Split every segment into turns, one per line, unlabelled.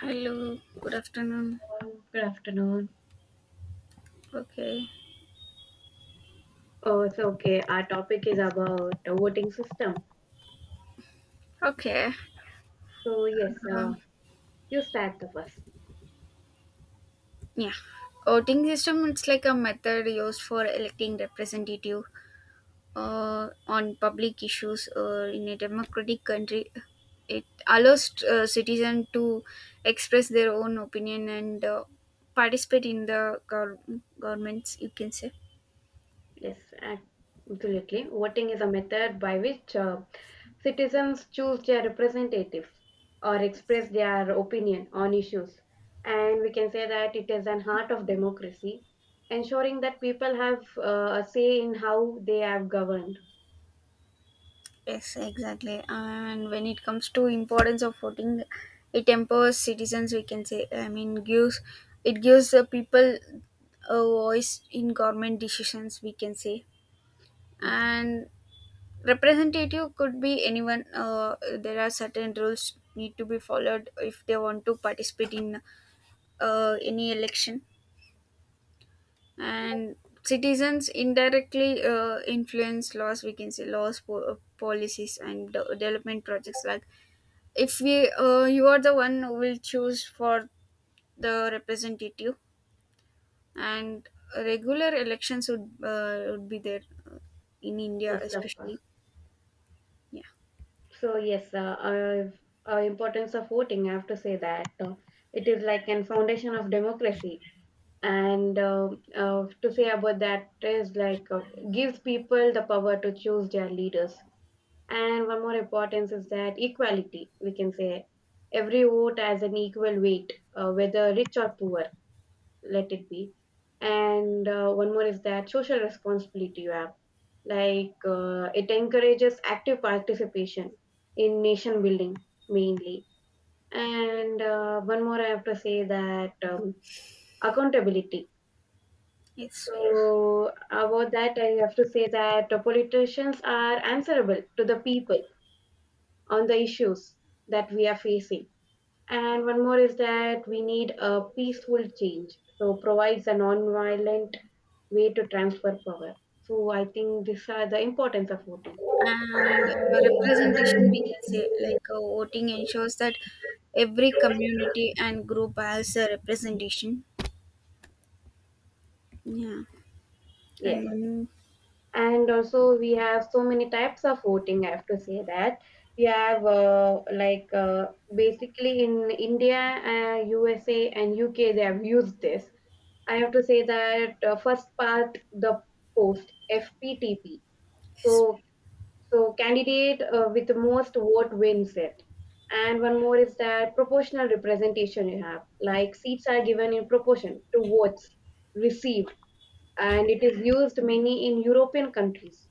Hello, good afternoon.
Good afternoon.
Okay,
Our topic is about the voting system.
okay.
So yes,
Um,
you start the first.
yeah, voting system. It's like a method used for electing representative on public issues or in a democratic country. It allows citizen to express their own opinion and participate in the governments, you can say.
Yes, ac- absolutely. Voting is a method by which citizens choose their representatives or express their opinion on issues, and we can say that it is an heart of democracy, ensuring that people have a say in how they are governed.
Yes, exactly. And when it comes to importance of voting, it empowers citizens, we can say. Gives the people a voice in government decisions, we can say.
Yes,
And representative could be anyone. There are certain rules need to be followed if they want to participate in any election, and citizens indirectly influence laws, we can say. Laws, policies, and development projects, like if we you are the one who will choose for the representative, and regular elections would be there, uh, in india
yes, of course.
especially. Yeah,
So yes, I importance of voting. I have to say that it is like an foundation of democracy, and to say about that is like gives people the power to choose their leaders. And one more importance is that equality. We can say every vote has an equal weight, whether rich or poor. Let it be. And one more is that social responsibility you have like it encourages active participation in nation building mainly, and one more I have to say that accountability.
yes.
So about that I have to say that politicians are answerable to the people on the issues that we are facing. And one more is that we need a peaceful change, so provides a non-violent way to transfer power. So I think these are the importance of voting.
And representation, we can say, like voting ensures that every community and group has a representation. Yeah.
Yes,
and
and also we have so many types of voting. I have to say that we have basically in India, USA and UK they have used this. I have to say that first part the post, FPTP. So
Yes.
so candidate with the most vote wins it. And one more is that proportional representation you have, like seats are given in proportion to votes received, and it is used mainly in European countries,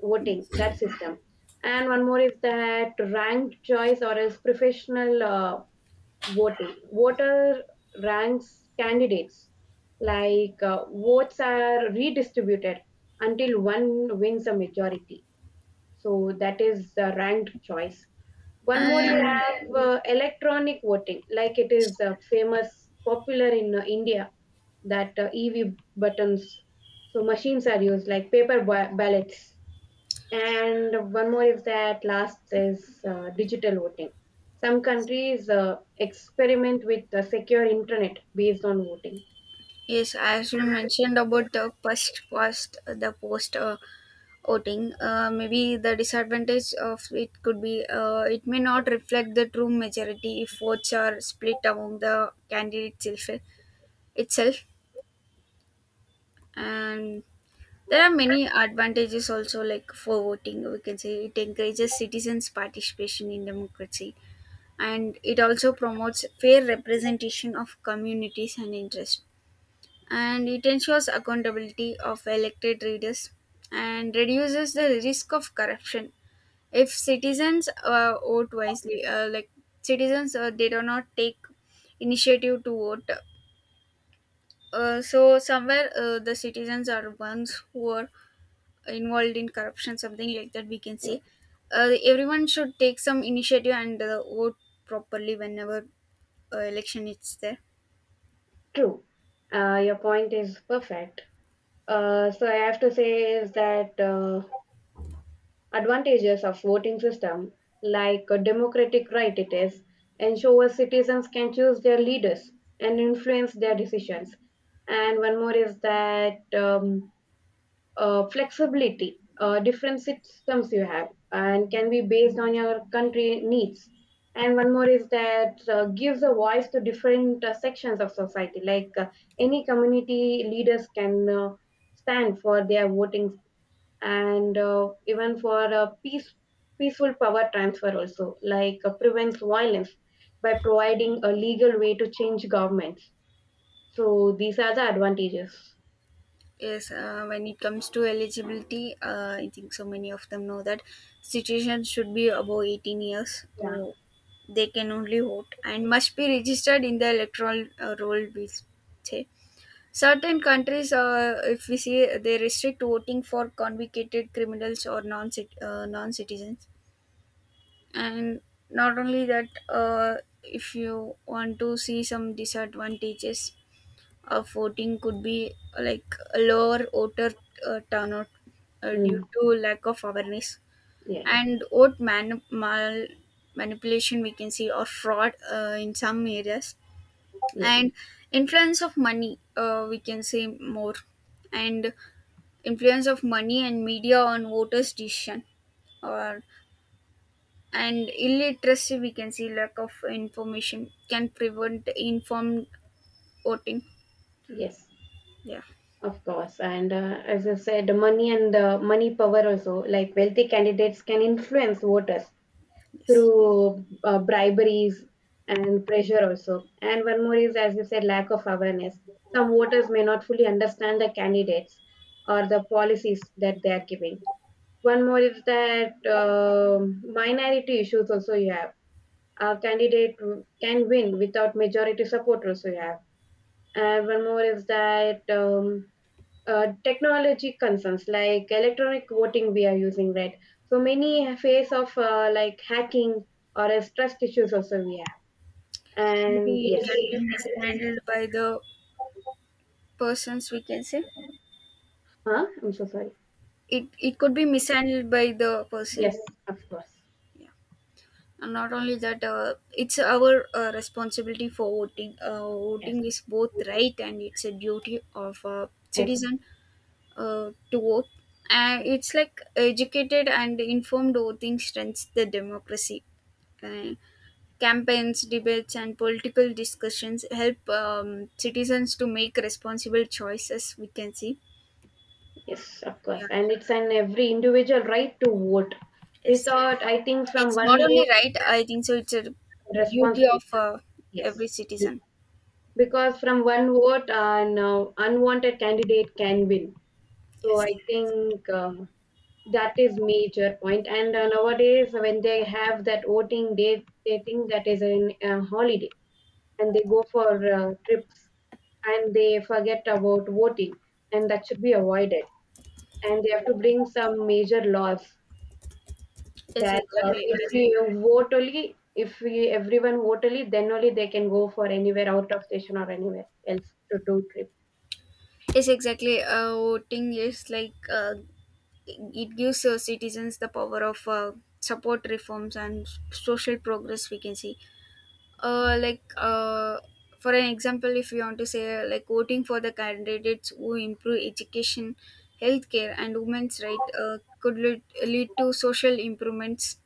voting, that system. And one more is that ranked choice or else professional voting. Voter ranks candidates, like votes are redistributed until one wins a majority, so that is the ranked choice. One more you
And
have electronic voting, like it is famous, popular in India, that EV buttons. So machines are used like paper ballots. And one more is that last is digital voting. Some countries experiment with secure internet based on voting.
yes, as you mentioned about the first past the post voting, maybe the disadvantage of it could be, it may not reflect the true majority if votes are split among the candidates itself. And there are many advantages also, like for voting we can say it encourages citizens participation in democracy, and it also promotes fair representation of communities and interests, and it ensures accountability of elected leaders and reduces the risk of corruption if citizens vote wisely. Like, citizens they do not take initiative to vote, so somewhere the citizens are ones who are involved in corruption, something like that we can say. Everyone should take some initiative and vote properly whenever election is there.
True. Your point is perfect. So I have to say is that advantages of voting system, like a democratic right it is, ensures citizens can choose their leaders and influence their decisions. And one more is that flexibility, different systems you have, and can be based on your country needs. And one more is that gives a voice to different sections of society, like any community leaders can stand for their voting, and even for a peaceful power transfer also, like prevents violence by providing a legal way to change governments. So these are the advantages.
Yes, when it comes to eligibility, I think so many of them know that citizens should be above 18 years,
Yeah.
or they can only vote, and must be registered in the electoral roll, we say. Certain countries, if we see, they restrict voting for convicted criminals or non citizens. And not only that, if you want to see some disadvantages of voting, could be, like a lower voter turnout due
Mm,
to lack of awareness,
yes.
and vote manipulation we can see, or fraud in some areas,
Yes,
and influence of money, we can say more, and influence of money and media on voters decision, or and illiteracy we can see, lack of information can prevent informed voting.
yes,
Yeah,
of course. And as I said, the money and the money power also, like wealthy candidates can influence voters
yes.
through briberies and pressure also. And one more is, as you said, lack of awareness. Some voters may not fully understand the candidates or the policies that they are giving. One more is that um, minority issues also you have. A candidate can win without majority support also you have. And one more is that technology concerns like electronic voting we are using right, so many phase of like hacking or as trust issues also we have. And
Maybe it
yes,
can be mishandled by the persons, we can say.
huh, I'm so sorry.
It could be mishandled by the person.
Yes, of course.
Yeah. And not only that, it's our responsibility for voting.
Yes.
Voting is both right and it's a duty of a
Yes,
citizen to vote. It's like educated and informed voting strengthens the democracy. Uh, Campaigns, debates and political discussions help citizens to make responsible choices, we can see.
yes, of course.
Yeah.
And it's an every individual right to vote.
Yes,
Without, I think, from
it's
one
not only
vote.
right, I think so. It's a duty
Responsibility.
of
Yes,
every citizen.
because from one vote an no, unwanted candidate can win. So I
Yes.
think that is major point. And nowadays, when they have that voting day, they think that is a holiday, and they go for trips, and they forget about voting, and that should be avoided. And they have to bring some major laws
Yes,
that
exactly.
if
Yes,
you vote only, if we, everyone vote only, then only they can go for anywhere out of station or anywhere else to do trip.
yes, exactly. Voting is like, it gives citizens the power of support reforms and social progress, we can see. Like, for an example, if you want to say, like voting for the candidates who improve education, healthcare, and women's right, could lead to social improvements.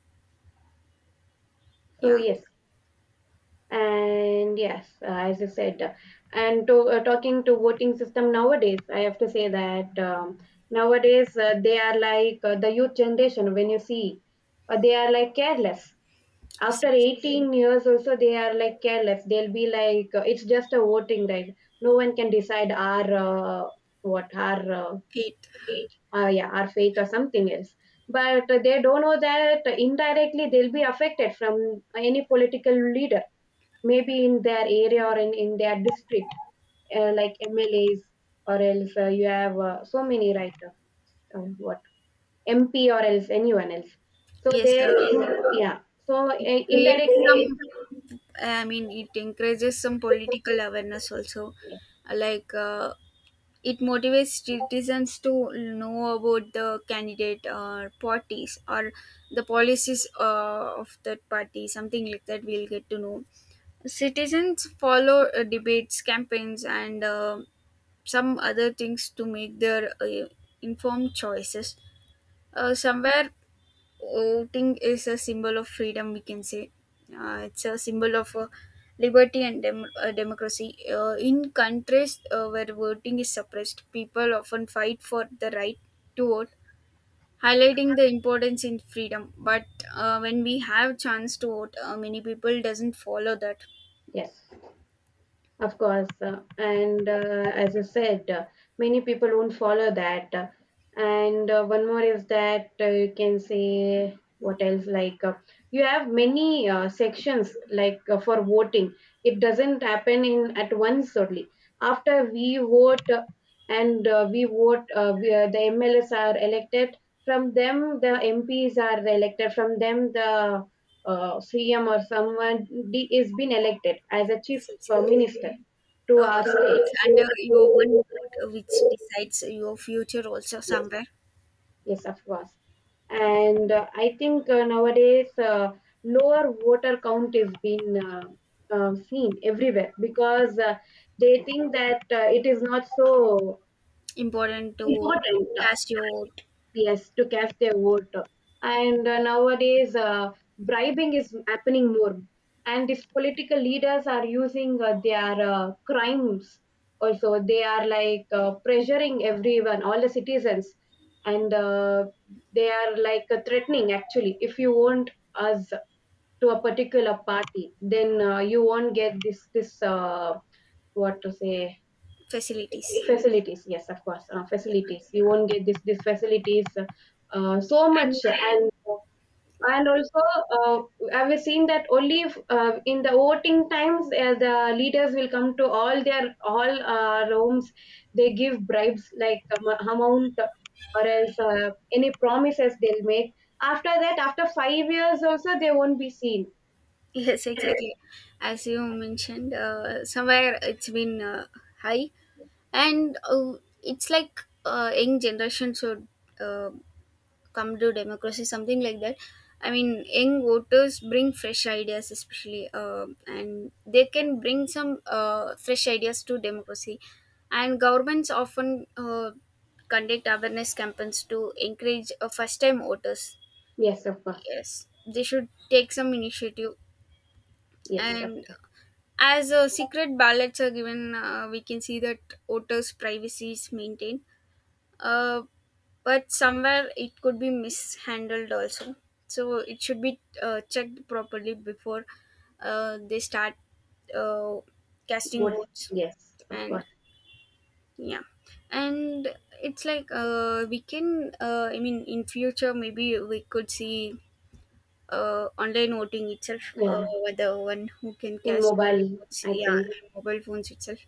So
Yeah.
yes. And yes, as you said, and to talking to voting system nowadays, I have to say that nowadays they are like the youth generation. When you see, they are like careless.
Yes.
After
Yes.
18 years, also they are like careless. They'll be like, it's just a voting right. No one can decide our what our
It
faith, yeah our faith or something else. But they don't know that indirectly they'll be affected from any political leader, maybe in their area or in their district, like MLAs or else you have so many writers, what MP or else anyone else. So
yes,
they, yeah. So
it creates
indirectly,
some. I mean, it encourages some political awareness also, like it motivates citizens to know about the candidate or parties or the policies of that party, something like that we'll get to know. Citizens follow debates, campaigns, and some other things to make their informed choices. Somewhere voting is a symbol of freedom, we can say. It's a symbol of liberty and democracy. In countries where voting is suppressed, people often fight for the right to vote, highlighting the importance in freedom. But when we have chance to vote, many people doesn't follow that.
yes. Of course, and as I said, many people won't follow that. And one more is that you can say what else, like you have many sections like for voting. It doesn't happen in at once only. After we vote, and we vote, we, the MLAs are elected. From them, the MPs are elected. From them, the CM or someone D is been elected as a chief
It's
for
exactly,
minister to
uh,
our state.
it's under your one vote which decides your future also somewhere.
Yes, of course. And I think nowadays lower voter count is been seen everywhere because they think that it is not so
Important to
important
cast your vote.
yes to cast their vote. And nowadays bribing is happening more, and these political leaders are using their crimes also. They are like pressuring everyone, all the citizens, and they are like threatening actually, if you want us to a particular party, then you won't get this what to say,
Facilities.
facilities. Yes, of course,
Yeah.
facilities, you won't get this facilities so
And
much. And also uh, I've seen that only if, in the voting times the leaders will come to all their all rooms, they give bribes like amount or else any promises they'll make. After that, after five years also, they won't be seen.
yes, exactly. As you mentioned, somewhere it's been high, and it's like young generation should uh, come to democracy, something like that. I mean, young voters bring fresh ideas, especially, and they can bring some fresh ideas to democracy. And governments often conduct awareness campaigns to encourage first-time voters.
Yes, of course.
Yes, they should take some initiative.
Yes, of
And as secret ballots are given, we can see that voters' privacy is maintained. Uh, but somewhere it could be mishandled also, so it should be checked properly before they start uh, casting
course.
votes.
Yes, of
And
course.
yeah, and it's like, we can. I mean, in future maybe we could see online voting itself.
Yeah.
Whether one who can
In
cast
mobile.
votes,
I
yeah,
think.
and mobile phones itself,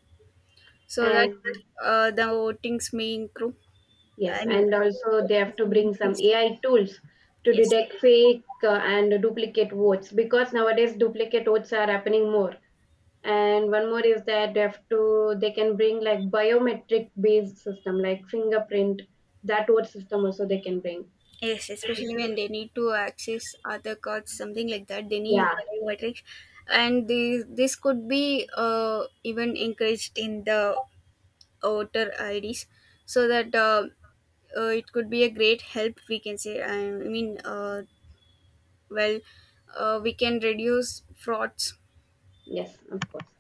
so that
And
the votings may improve. I
yes,
mean,
and also they have
votings
to
may
bring some
increase.
AI tools to
Yes,
detect fake and duplicate votes, because nowadays duplicate votes are happening more. And one more is that they have to, they can bring like biometric based system like fingerprint, that vote system also they can bring.
yes, especially when they need to access other cards, something like that. They need
Yeah.
biometrics, and this could be even encouraged in the voter IDs, so that it could be a great help, we can say. I mean, well, we can reduce frauds.
Yes, of course.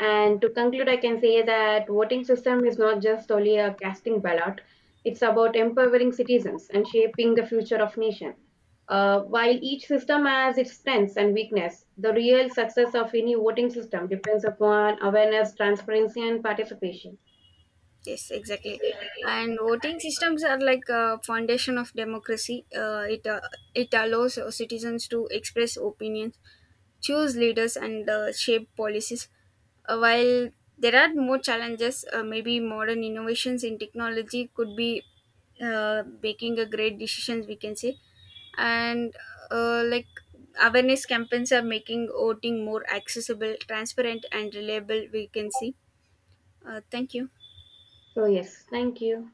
And to conclude, I can say that voting system is not just only a casting ballot. It's about empowering citizens and shaping the future of nation. While each system has its strengths and weakness, the real success of any voting system depends upon awareness, transparency, and participation.
Yes, exactly. And voting systems are like a foundation of democracy. It it allows citizens to express opinions, choose leaders, and shape policies. While there are more challenges, maybe modern innovations in technology could be making a great decisions, we can say. And like awareness campaigns are making voting more accessible, transparent, and reliable, we can see. Thank you.
So yes, thank you.